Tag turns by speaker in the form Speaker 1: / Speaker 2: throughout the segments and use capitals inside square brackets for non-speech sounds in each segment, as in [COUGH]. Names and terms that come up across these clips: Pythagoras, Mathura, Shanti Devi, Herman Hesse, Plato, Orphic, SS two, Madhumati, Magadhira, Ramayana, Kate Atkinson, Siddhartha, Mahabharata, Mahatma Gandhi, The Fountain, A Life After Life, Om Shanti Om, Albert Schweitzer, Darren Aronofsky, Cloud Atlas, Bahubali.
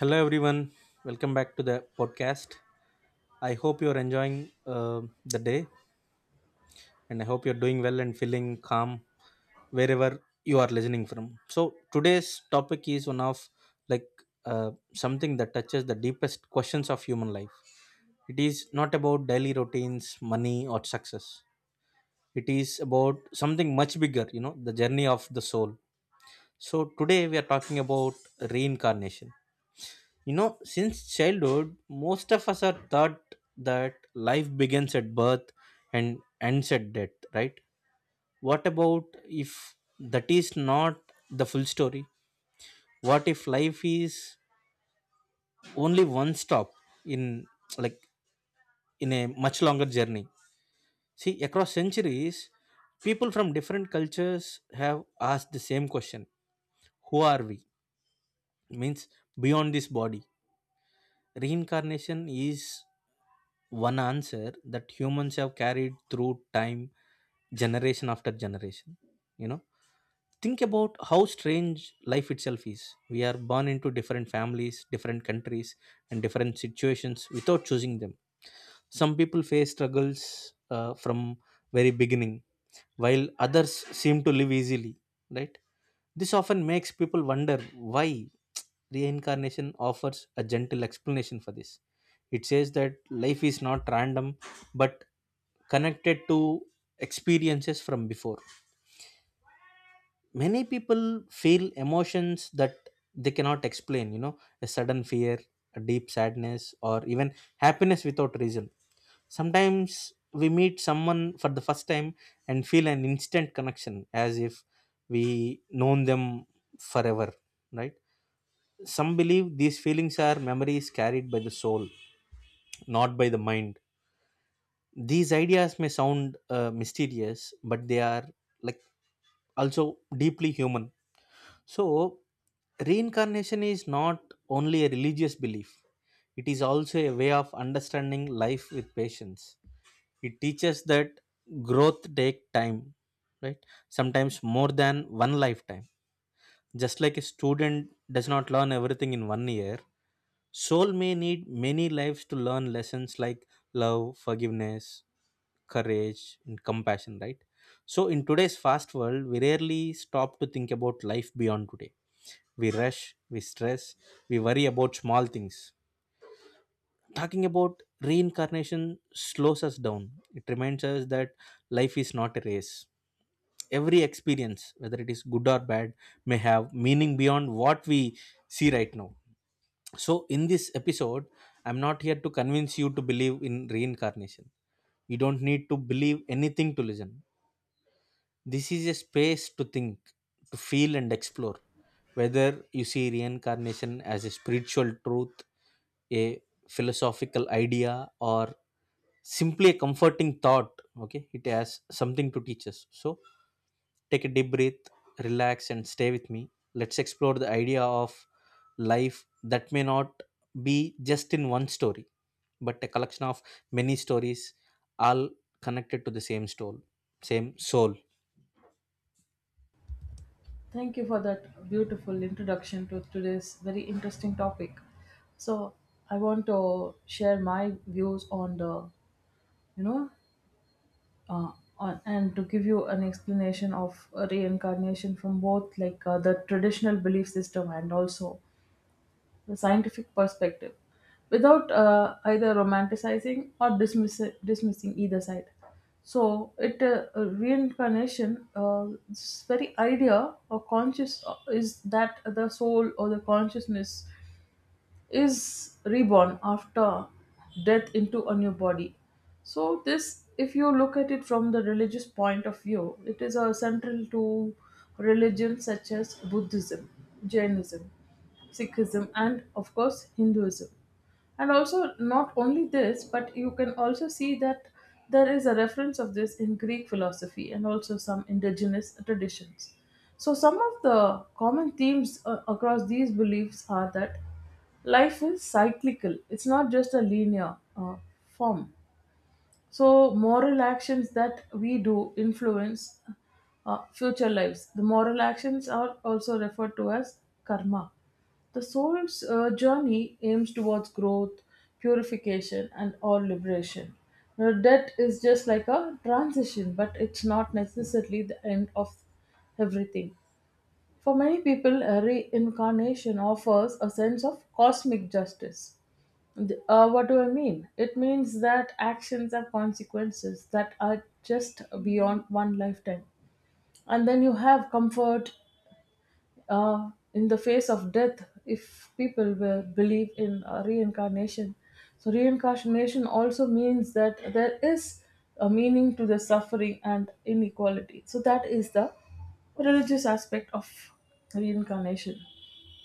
Speaker 1: Hello, everyone. Welcome back to the podcast. I hope you're enjoying the day and I hope you're doing well and feeling calm wherever you are listening from. So, today's topic is one of like something that touches the deepest questions of human life. It is not about daily routines, money, or success. It is about something much bigger, the journey of the soul. So, today we are talking about reincarnation. Since childhood, most of us are taught that life begins at birth and ends at death, right? What about if that is not the full story? What if life is only one stop in like in a much longer journey? See, across centuries, people from different cultures have asked the same question. Who are we? Means beyond this body. Reincarnation is one answer that humans have carried through time generation after generation you know think about how strange life itself is. We are born into different families, different countries, and different situations without choosing them. Some people face struggles from very beginning, while others seem to live easily, right? This often makes people wonder why. Reincarnation offers a gentle explanation for this. It says that life is not random but connected to experiences from before. Many people feel emotions that they cannot explain, a sudden fear, a deep sadness, or even happiness without reason. Sometimes we meet someone for the first time and feel an instant connection as if we known them forever, right? Some believe these feelings are memories carried by the soul, not by the mind. These ideas may sound mysterious, but they are like also deeply human. So, reincarnation is not only a religious belief, it is also a way of understanding life with patience. It teaches that growth take time, right? Sometimes more than one lifetime. Just like a student does not learn everything in 1 year, soul may need many lives to learn lessons like love, forgiveness, courage, and compassion, right? So, in today's fast world, we rarely stop to think about life beyond today. We rush, we stress, we worry about small things. Talking about reincarnation slows us down. It reminds us that life is not a race. Every experience, whether it is good or bad, may have meaning beyond what we see right now. So, in this episode, I'm not here to convince you to believe in reincarnation. You don't need to believe anything to listen. This is a space to think, to feel, and explore. Whether you see reincarnation as a spiritual truth, a philosophical idea, or simply a comforting thought, okay, it has something to teach us. So, take a deep breath, relax, and stay with me. Let's explore the idea of life that may not be just in one story, but a collection of many stories, all connected to the same soul. Same soul.
Speaker 2: Thank you for that beautiful introduction to today's very interesting topic. So, I want to share my views on the, you know, uh, on, and to give you an explanation of reincarnation from both the traditional belief system and also the scientific perspective without either romanticizing or dismissing either side. So, this very idea or conscious is that the soul or the consciousness is reborn after death into a new body. So, this, if you look at it from the religious point of view, it is central to religions such as Buddhism, Jainism, Sikhism, and of course, Hinduism. And also not only this, but you can also see that there is a reference of this in Greek philosophy and also some indigenous traditions. So some of the common themes across these beliefs are that life is cyclical, it's not just a linear form. So, moral actions that we do influence future lives. The moral actions are also referred to as karma. The soul's journey aims towards growth, purification, and all liberation. Now, death is just like a transition, but it's not necessarily the end of everything. For many people, a reincarnation offers a sense of cosmic justice. What do I mean? It means that actions have consequences that are just beyond one lifetime. And then you have comfort, in the face of death if people will believe in reincarnation. So reincarnation also means that there is a meaning to the suffering and inequality. So that is the religious aspect of reincarnation.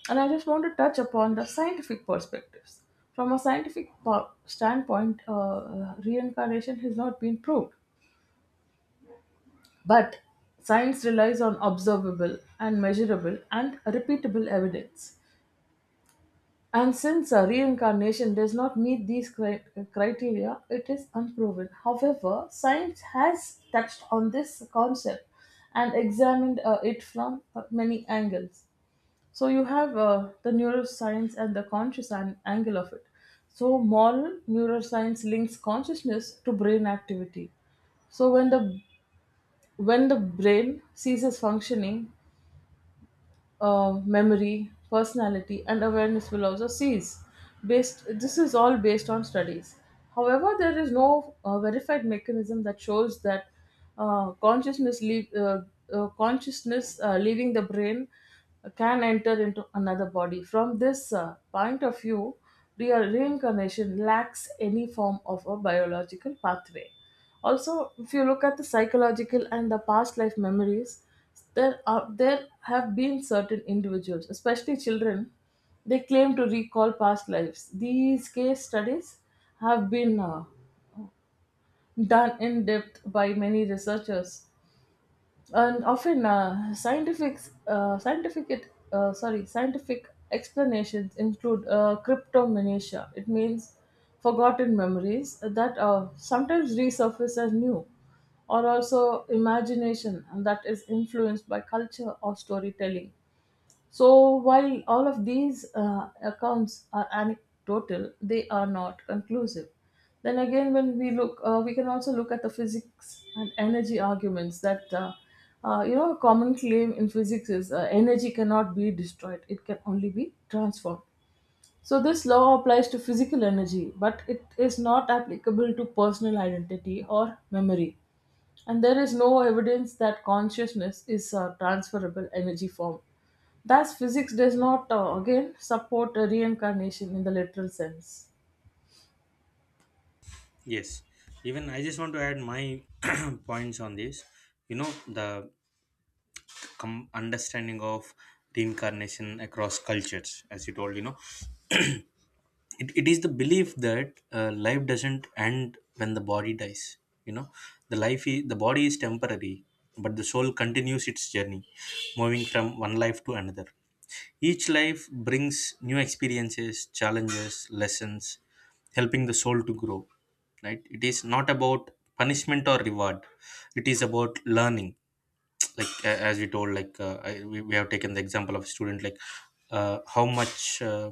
Speaker 2: And I just want to touch upon the scientific perspectives. From a standpoint, reincarnation has not been proved, but science relies on observable and measurable and repeatable evidence. And since reincarnation does not meet these criteria, it is unproven. However, science has touched on this concept and examined it from many angles. So, you have the neuroscience and the angle of it. So, moral neuroscience links consciousness to brain activity. So when the brain ceases functioning, memory, personality, and awareness will also cease. This is all based on studies. However, there is no verified mechanism that shows that uh, consciousness, leave, uh, consciousness leaving the brain can enter into another body. From this point of view, real reincarnation lacks any form of a biological pathway. Also, if you look at the psychological and the past life memories, there have been certain individuals, especially children, they claim to recall past lives. These case studies have been done in depth by many researchers, and often scientific explanations include cryptomnesia. It means forgotten memories that sometimes resurface as new, or also imagination, and that is influenced by culture or storytelling. So, while all of these accounts are anecdotal, they are not conclusive. Then again, when we look, we can also look at the physics and energy arguments that, you know, a common claim in physics is energy cannot be destroyed, it can only be transformed. So, this law applies to physical energy, but it is not applicable to personal identity or memory, and there is no evidence that consciousness is a transferable energy form. Thus, physics does not again support a reincarnation in the literal sense.
Speaker 1: Yes, even I just want to add my [CLEARS THROAT] points on this. You know, the understanding of reincarnation across cultures, as you told, [CLEARS THROAT] it, it is the belief that life doesn't end when the body dies. You know, the body is temporary, but the soul continues its journey, moving from one life to another. Each life brings new experiences, challenges, lessons, helping the soul to grow. Right? It is not about punishment or reward. It is about learning. [TSK] Like as we told, we have taken the example of a student, like how much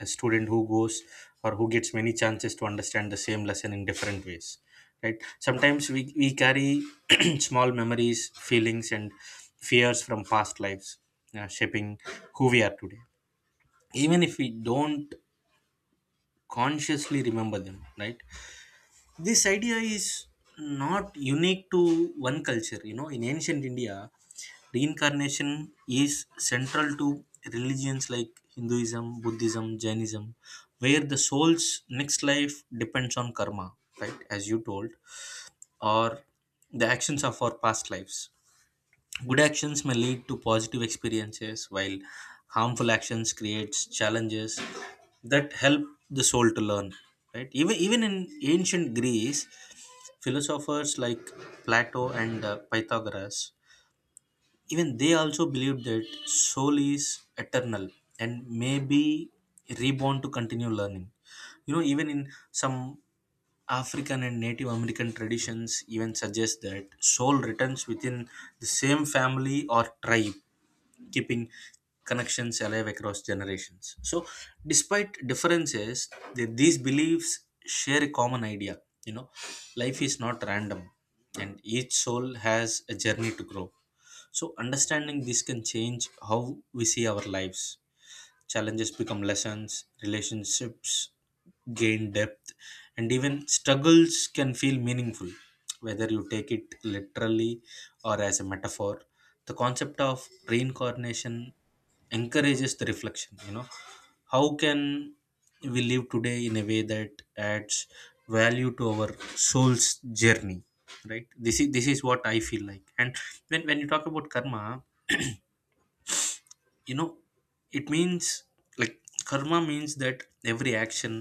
Speaker 1: a student who goes or who gets many chances to understand the same lesson in different ways. Right? Sometimes we carry [CLEARS THROAT] small memories, feelings, and fears from past lives, shaping who we are today even if we don't consciously remember them, right? This idea is not unique to one culture. You know, in ancient India, reincarnation is central to religions like Hinduism, Buddhism, Jainism, where the soul's next life depends on karma, right? As you told, or the actions of our past lives. Good actions may lead to positive experiences, while harmful actions creates challenges that help the soul to learn. Right? Even in ancient Greece, philosophers like Plato and Pythagoras, even they also believed that soul is eternal and may be reborn to continue learning. You know, even in some African and Native American traditions, even suggest that soul returns within the same family or tribe, keeping connections alive across generations. So, despite differences, these beliefs share a common idea. You know, life is not random, and each soul has a journey to grow. So, understanding this can change how we see our lives. Challenges become lessons, relationships gain depth, and even struggles can feel meaningful, whether you take it literally or as a metaphor. The concept of reincarnation encourages the reflection. How can we live today in a way that adds value to our soul's journey, right? This is what I feel like. And when you talk about karma, you know it means like karma means that every action,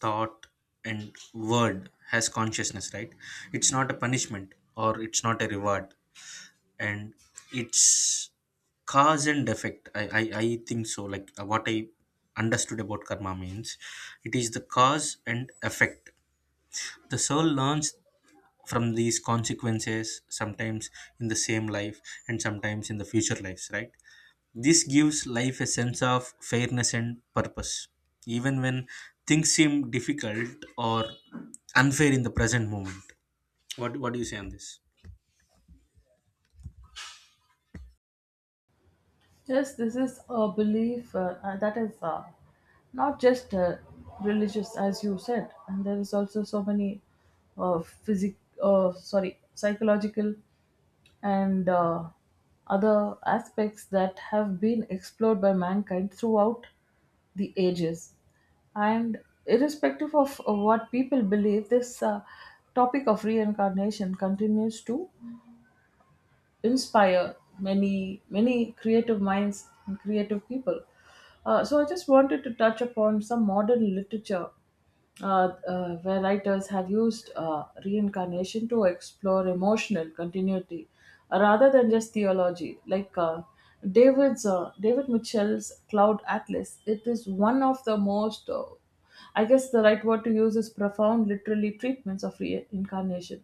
Speaker 1: thought, and word has consciousness, right? It's not a punishment or it's not a reward. And it's cause and effect. I think so, what I understood about karma means it is the cause and effect. The soul learns from these consequences, sometimes in the same life and sometimes in the future lives, right? This gives life a sense of fairness and purpose, even when things seem difficult or unfair in the present moment. What do you say on this?
Speaker 2: Yes, this is a belief that is not just religious, as you said, and there is also so many uh, physic, psychological and other aspects that have been explored by mankind throughout the ages. And irrespective of what people believe, this topic of reincarnation continues to inspire many creative minds and creative people. So I just wanted to touch upon some modern literature where writers have used reincarnation to explore emotional continuity rather than just theology. Like David Mitchell's Cloud Atlas, it is one of the most I guess the right word to use is profound, literally, treatments of reincarnation,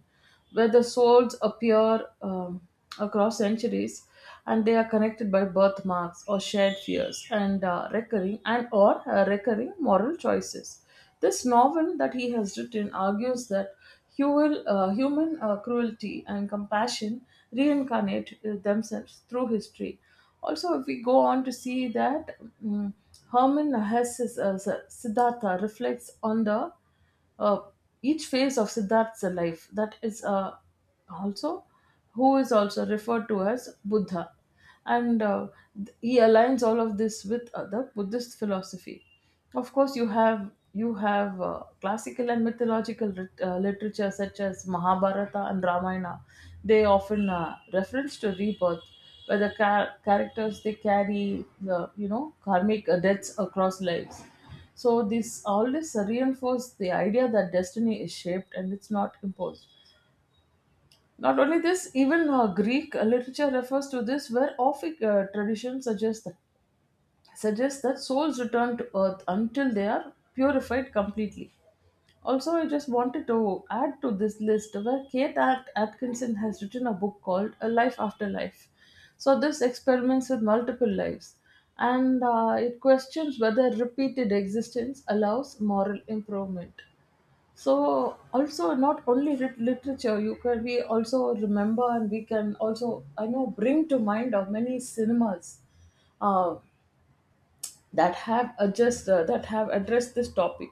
Speaker 2: where the souls appear across centuries and they are connected by birthmarks or shared fears and recurring and or recurring moral choices. This novel that he has written argues that human cruelty and compassion reincarnate themselves through history. Also, if we go on to see that mm Herman Hesse's Siddhartha reflects on the uh, each phase of Siddhartha's life. That is, also, who is also referred to as Buddha. And he aligns all of this with the Buddhist philosophy. Of course you have classical and mythological literature such as Mahabharata and Ramayana. They often reference to rebirth, where the characters they carry the, you know, karmic debts across lives. So this, all this reinforce the idea that destiny is shaped and it's not imposed. Not only this, even Greek literature refers to this, where Orphic tradition suggests that souls return to earth until they are purified completely. Also, I just wanted to add to this list where Kate Atkinson has written a book called A Life After Life. So, this experiments with multiple lives, and it questions whether repeated existence allows moral improvement. So also not only literature, you can we also remember and we can also, I know, bring to mind of many cinemas uh, that have addressed this topic.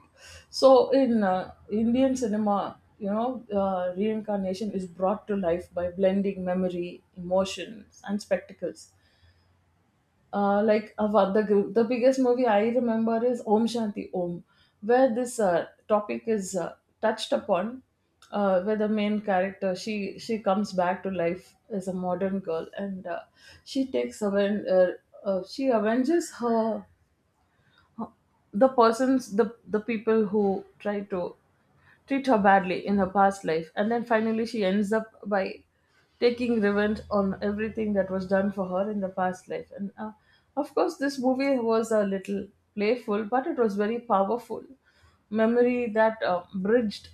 Speaker 2: So in Indian cinema, you know, reincarnation is brought to life by blending memory, emotions, and spectacles, like Ava, the biggest movie I remember is Om Shanti Om, where this topic is touched upon, where the main character she comes back to life as a modern girl, and she takes aven- uh, she avenges her the persons the people who try to treat her badly in her past life, and then finally she ends up by taking revenge on everything that was done for her in the past life. And of course, this movie was a little playful, but it was very powerful memory that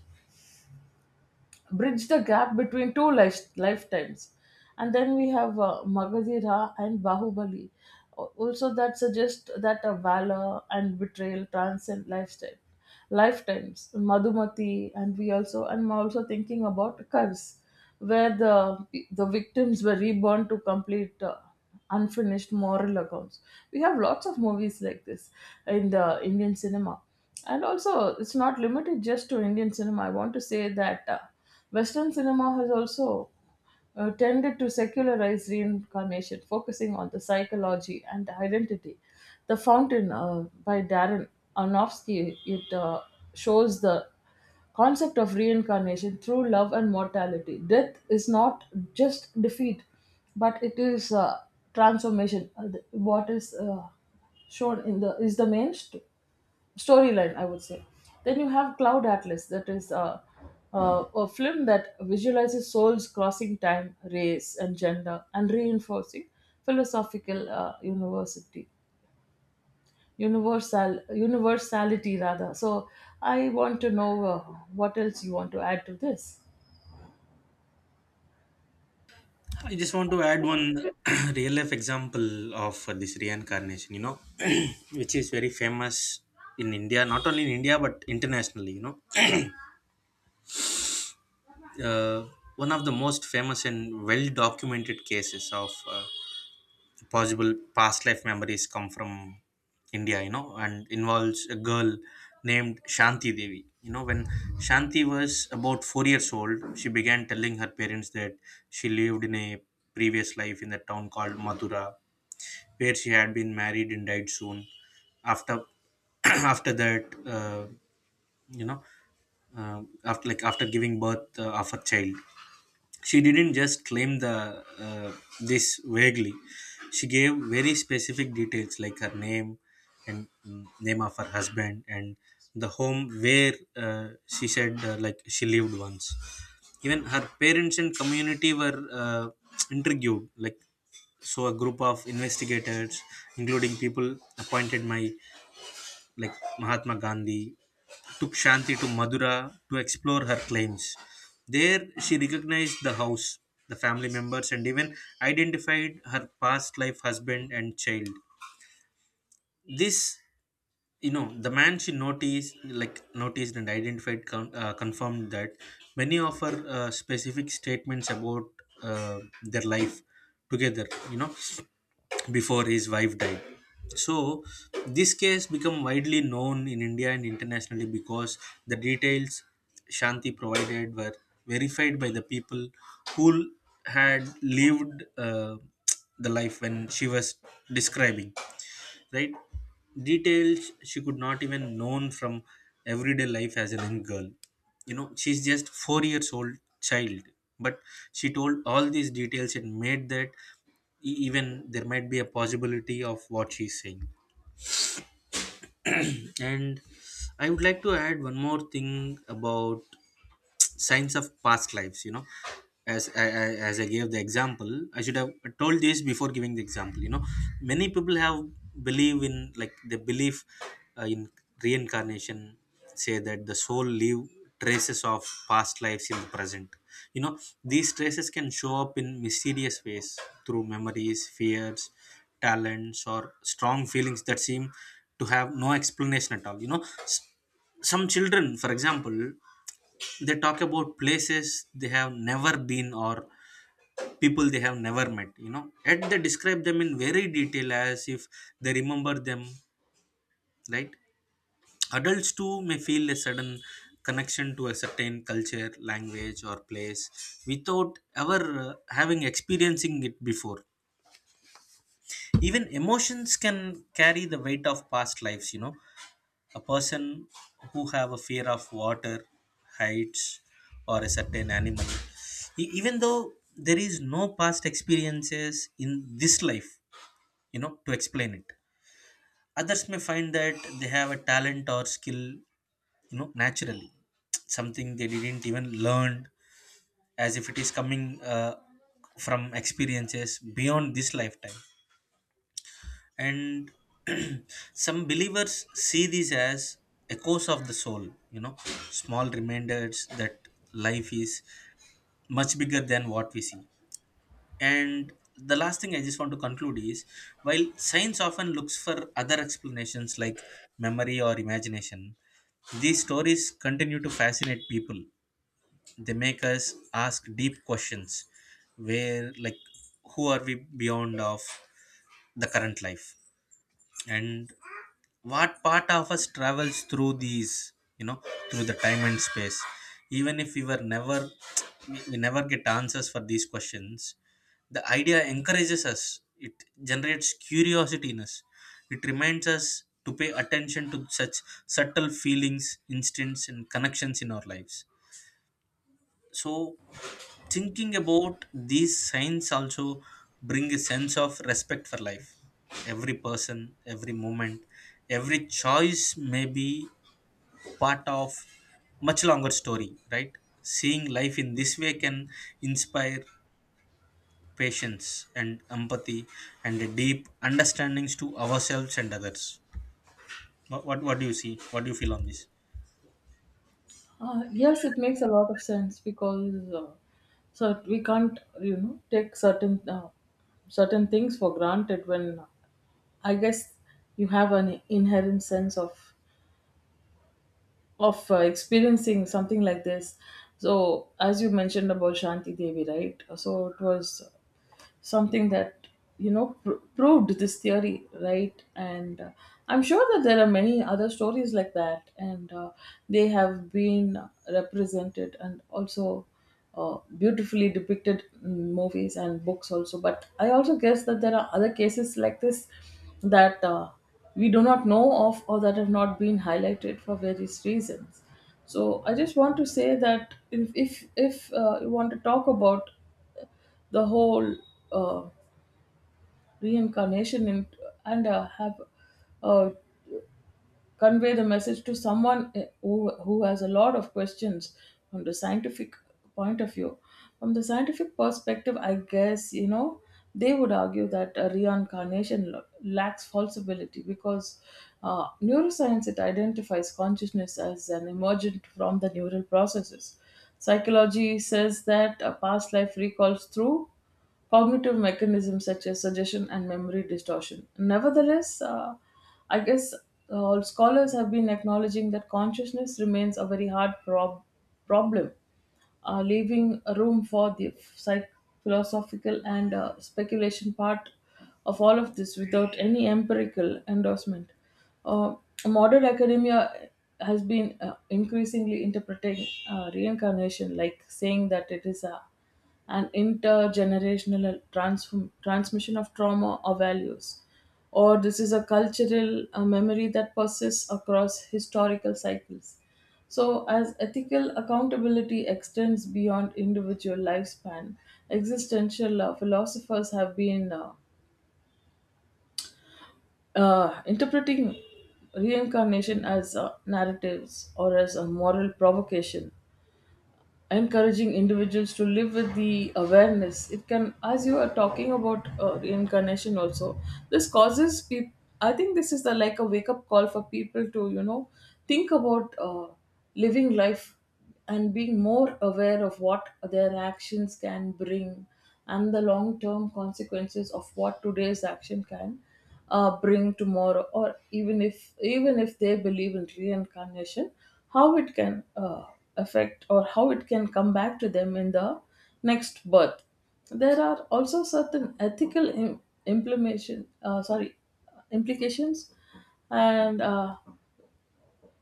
Speaker 2: bridge the gap between two lifetimes. And then we have Magadhira and Bahubali. Also, that suggests that a valor and betrayal transcend lifetimes. Madhumati, and we also, and I'm also thinking about Kars, where the victims were reborn to complete unfinished moral accounts. We have lots of movies like this in the Indian cinema. And also, it's not limited just to Indian cinema. I want to say that Western cinema has also tended to secularize reincarnation, focusing on the psychology and identity. The Fountain by Darren Aronofsky, it shows the concept of reincarnation through love and mortality. Death is not just defeat, but it is transformation. What is shown in the is the main storyline, I would say. Then you have Cloud Atlas, that is a film that visualizes souls crossing time, race, and gender, and reinforcing philosophical university universal universality rather. So I want to know what else you want to add to this.
Speaker 1: I just want to add one [CLEARS THROAT] real life example of this reincarnation, [CLEARS THROAT] which is very famous in India, not only in India but internationally. Uh, one of the most famous and well documented cases of possible past life memories come from India, and involves a girl named Shanti Devi. When Shanti was about 4 years old, she began telling her parents that she lived in a previous life in the town called Mathura, where she had been married and died soon after. [CLEARS THROAT] After that, uh, you know uh, after giving birth of a child, she didn't just claim the uh, this vaguely. She gave very specific details like her name and name of her husband and the home where she said she lived once. Even her parents and community were intrigued. So a group of investigators, including people appointed by like Mahatma Gandhi, took Shanti to Madura to explore her claims. There, she recognized the house, the family members, and even identified her past life husband and child. This. The man she noticed and identified, confirmed that many of her specific statements about their life together, before his wife died. So this case become widely known in India and internationally because the details Shanti provided were verified by the people who had lived the life when she was describing, right? Details she could not even known from everyday life as a young girl. She's just 4 years old child, but she told all these details and made that even there might be a possibility of what she's saying. And I would like to add one more thing about signs of past lives. You know, as I, I, as I gave the example, I should have told this before giving the example. You know, many people have believe in like they believe in reincarnation, say that the soul leave traces of past lives in the present. You know, these traces can show up in mysterious ways through memories, fears, talents, or strong feelings that seem to have no explanation at all. You know, some children, for example, they talk about places they have never been or people they have never met. Yet they describe them in very detail as if they remember them, right? Adults too may feel a sudden connection to a certain culture, language, or place without ever uh, having experiencing it before. Even emotions can carry the weight of past lives. A person who have a fear of water, heights, or a certain animal, even though there is no past experiences in this life to explain it. Others may find that they have a talent or skill, naturally, something they didn't even learn, as if it is coming from experiences beyond this lifetime. And [CLEARS THROAT] some believers see these as echoes of the soul, small reminders that life is much bigger than what we see. And the last thing I just want to conclude is, while science often looks for other explanations like memory or imagination, these stories continue to fascinate people. They make us ask deep questions. Where like Who are we beyond of the current life, and what part of us travels you know through the time and space? Even if we never get answers for these questions, the idea encourages us. It generates curiosity in us. It reminds us to pay attention to such subtle feelings, instincts, and connections in our lives. So thinking about these signs also bring a sense of respect for life. Every person, every moment, every choice may be part of much longer story, right? Seeing life in this way can inspire patience and empathy and a deep understandings to ourselves and others. What do you see? What do you feel on this?
Speaker 2: Yes, it makes a lot of sense because so we can't, you know, take certain certain things for granted when, I guess, you have an inherent sense of experiencing something like this. So as you mentioned about Shanti Devi, right? So it was something that, you know, proved this theory right, and I'm sure that there are many other stories like that, and they have been represented and also beautifully depicted in movies and books also. But I also guess that there are other cases like this that we do not know of, or that have not been highlighted for various reasons. So I just want to say that if you want to talk about the whole uh, reincarnation in, and have uh, convey the message to someone, who has a lot of questions from the scientific point of view. From the scientific perspective, I guess, you know, they would argue that reincarnation lacks falsibility because neuroscience, it identifies consciousness as an emergent from the neural processes. Psychology says that a past life recalls through cognitive mechanisms such as suggestion and memory distortion. Nevertheless, I guess scholars have been acknowledging that consciousness remains a very hard problem, leaving room for the philosophical and speculation part of all of this without any empirical endorsement. Uh, modern academia has been increasingly interpreting reincarnation, like saying that it is an intergenerational transmission of trauma or values, or this is a cultural memory that persists across historical cycles. So, as ethical accountability extends beyond individual lifespan, existential philosophers have been interpreting reincarnation as narratives or as a moral provocation encouraging individuals to live with the awareness it can. As you are talking about reincarnation also, this causes people, I think this is the like a wake up call for people to think about living life and being more aware of what their actions can bring, and the long term consequences of what today's action can bring tomorrow. Or even if they believe in reincarnation, how it can affect, or how it can come back to them in the next birth. There are also certain ethical im- implementation sorry implications. And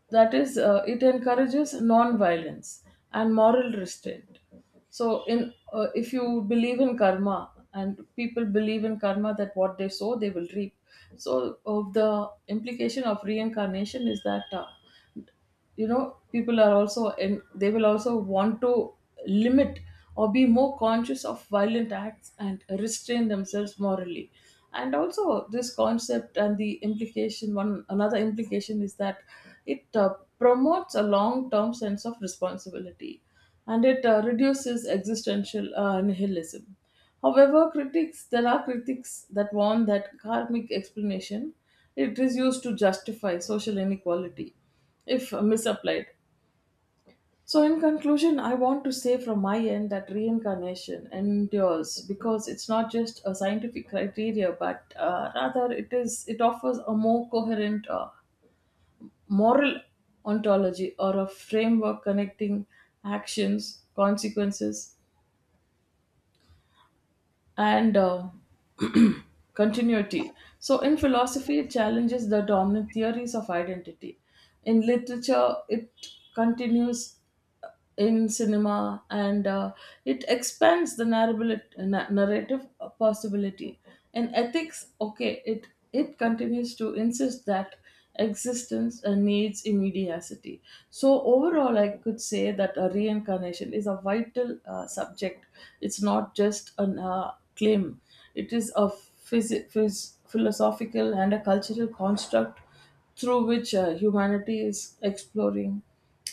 Speaker 2: that is, it encourages non-violence and moral restraint. So in if you believe in karma, and people believe in karma, that what they sow they will reap. So the implication of reincarnation is that, uh, people are also, and they will also want to limit or be more conscious of violent acts and restrain themselves morally. And also this concept, and the implication one another implication is that it promotes a long term sense of responsibility, and it reduces existential nihilism. However, critics there are critics that warn that karmic explanation, it is used to justify social inequality if misapplied. So, in conclusion, I want to say from my end that reincarnation endures because it's not just a scientific criteria, but rather it offers a more coherent moral ontology, or a framework connecting actions, consequences, and [CLEARS THROAT] continuity. So, in philosophy, it challenges the dominant theories of identity. In literature, it continues. In cinema and it expands the narrative possibility. In ethics, okay, it continues to insist that existence needs immediacy. So, overall, I could say that a reincarnation is a vital subject. It's not just an claim, it is a philosophical and a cultural construct through which humanity is exploring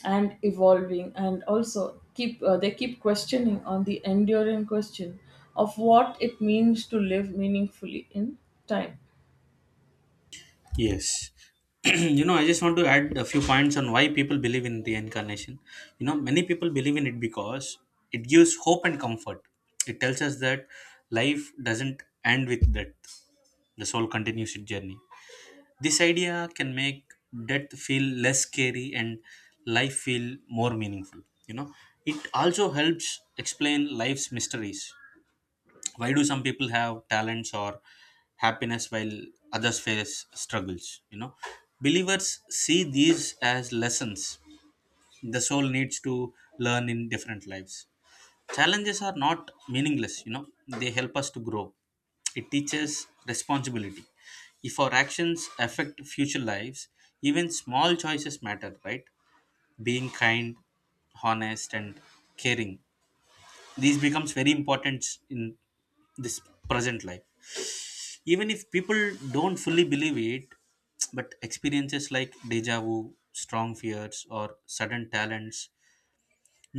Speaker 2: and evolving, and also keep they keep questioning on the enduring question of what it means to live meaningfully in time.
Speaker 1: Yes. [CLEARS THROAT] I just want to add a few points on why people believe in reincarnation. You know, many people believe in it because it gives hope and comfort. It tells us that life doesn't end with death, the soul continues its journey. This idea can make death feel less scary and life feel more meaningful. You know, it also helps explain life's mysteries. Why do some people have talents or happiness while others face struggles you know believers see these as lessons the soul needs to learn in different lives. Challenges are not meaningless. They help us to grow. It teaches responsibility. If our actions affect future lives, even small choices matter, right? Being kind, honest, and caring, these becomes very important in this present life. Even if people don't fully believe it, but experiences like deja vu, strong fears, or sudden talents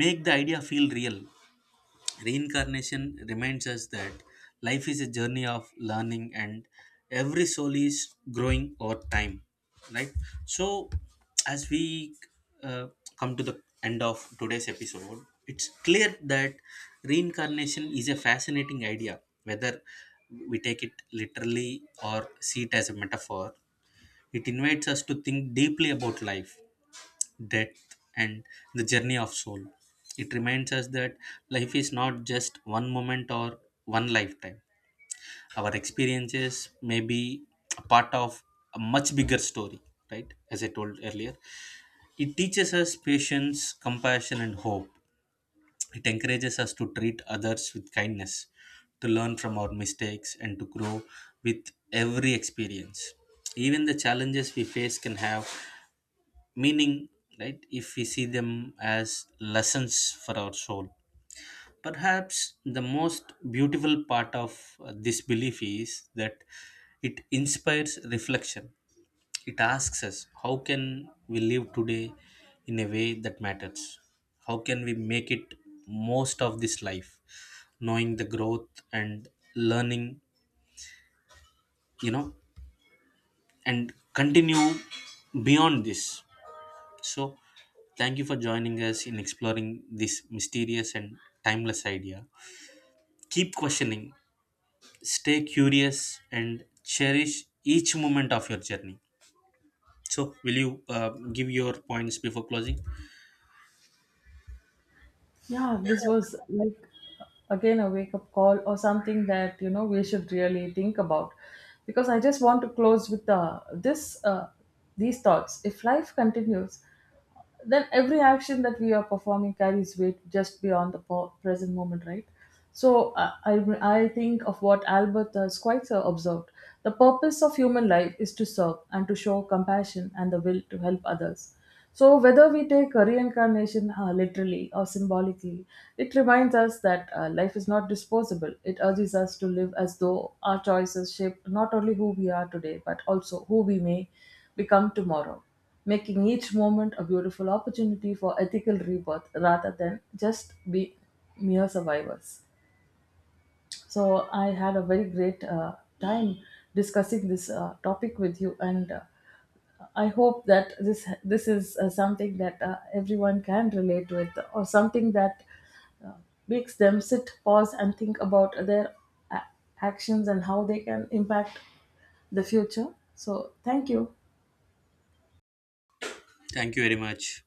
Speaker 1: make the idea feel real. Reincarnation reminds us that life is a journey of learning and every soul is growing over time, right? So, as we uh, come to the end of today's episode, it's clear that reincarnation is a fascinating idea, whether we take it literally or see it as a metaphor. It invites us to think deeply about life depth, and the journey of soul. It reminds us that life is not just one moment or one lifetime. Our experiences may be a part of a much bigger story, right? As I told earlier, it teaches us patience, compassion, and hope. It encourages us to treat others with kindness, to learn from our mistakes, and to grow with every experience. Even the challenges we face can have meaning, right? If we see them as lessons for our soul, perhaps the most beautiful part of this belief is that it inspires reflection. It asks us, how can we live today in a way that matters? How can we make it most of this life, knowing the growth and learning, you know, and continue beyond this. So, thank you for joining us in exploring this mysterious and timeless idea. Keep questioning, stay curious, and cherish each moment of your journey. So, will you give your points before closing?
Speaker 2: Yeah, this was like again a wake up call, or something that you know we should really think about. Because I just want to close with this these thoughts. If life continues, then every action that we are performing carries weight just beyond the present moment, right? So I think of what Albert Schweitzer observed. The purpose of human life is to serve and to show compassion and the will to help others. So whether we take a reincarnation literally or symbolically, it reminds us that life is not disposable. It urges us to live as though our choices shape not only who we are today, but also who we may become tomorrow, making each moment a beautiful opportunity for ethical rebirth rather than just be mere survivors. So I had a very great time discussing this topic with you, and I hope that this is something that everyone can relate with, or something that uh, makes them sit, pause, and think about their a- actions, and how they can impact the future. So thank you.
Speaker 1: Thank you very much.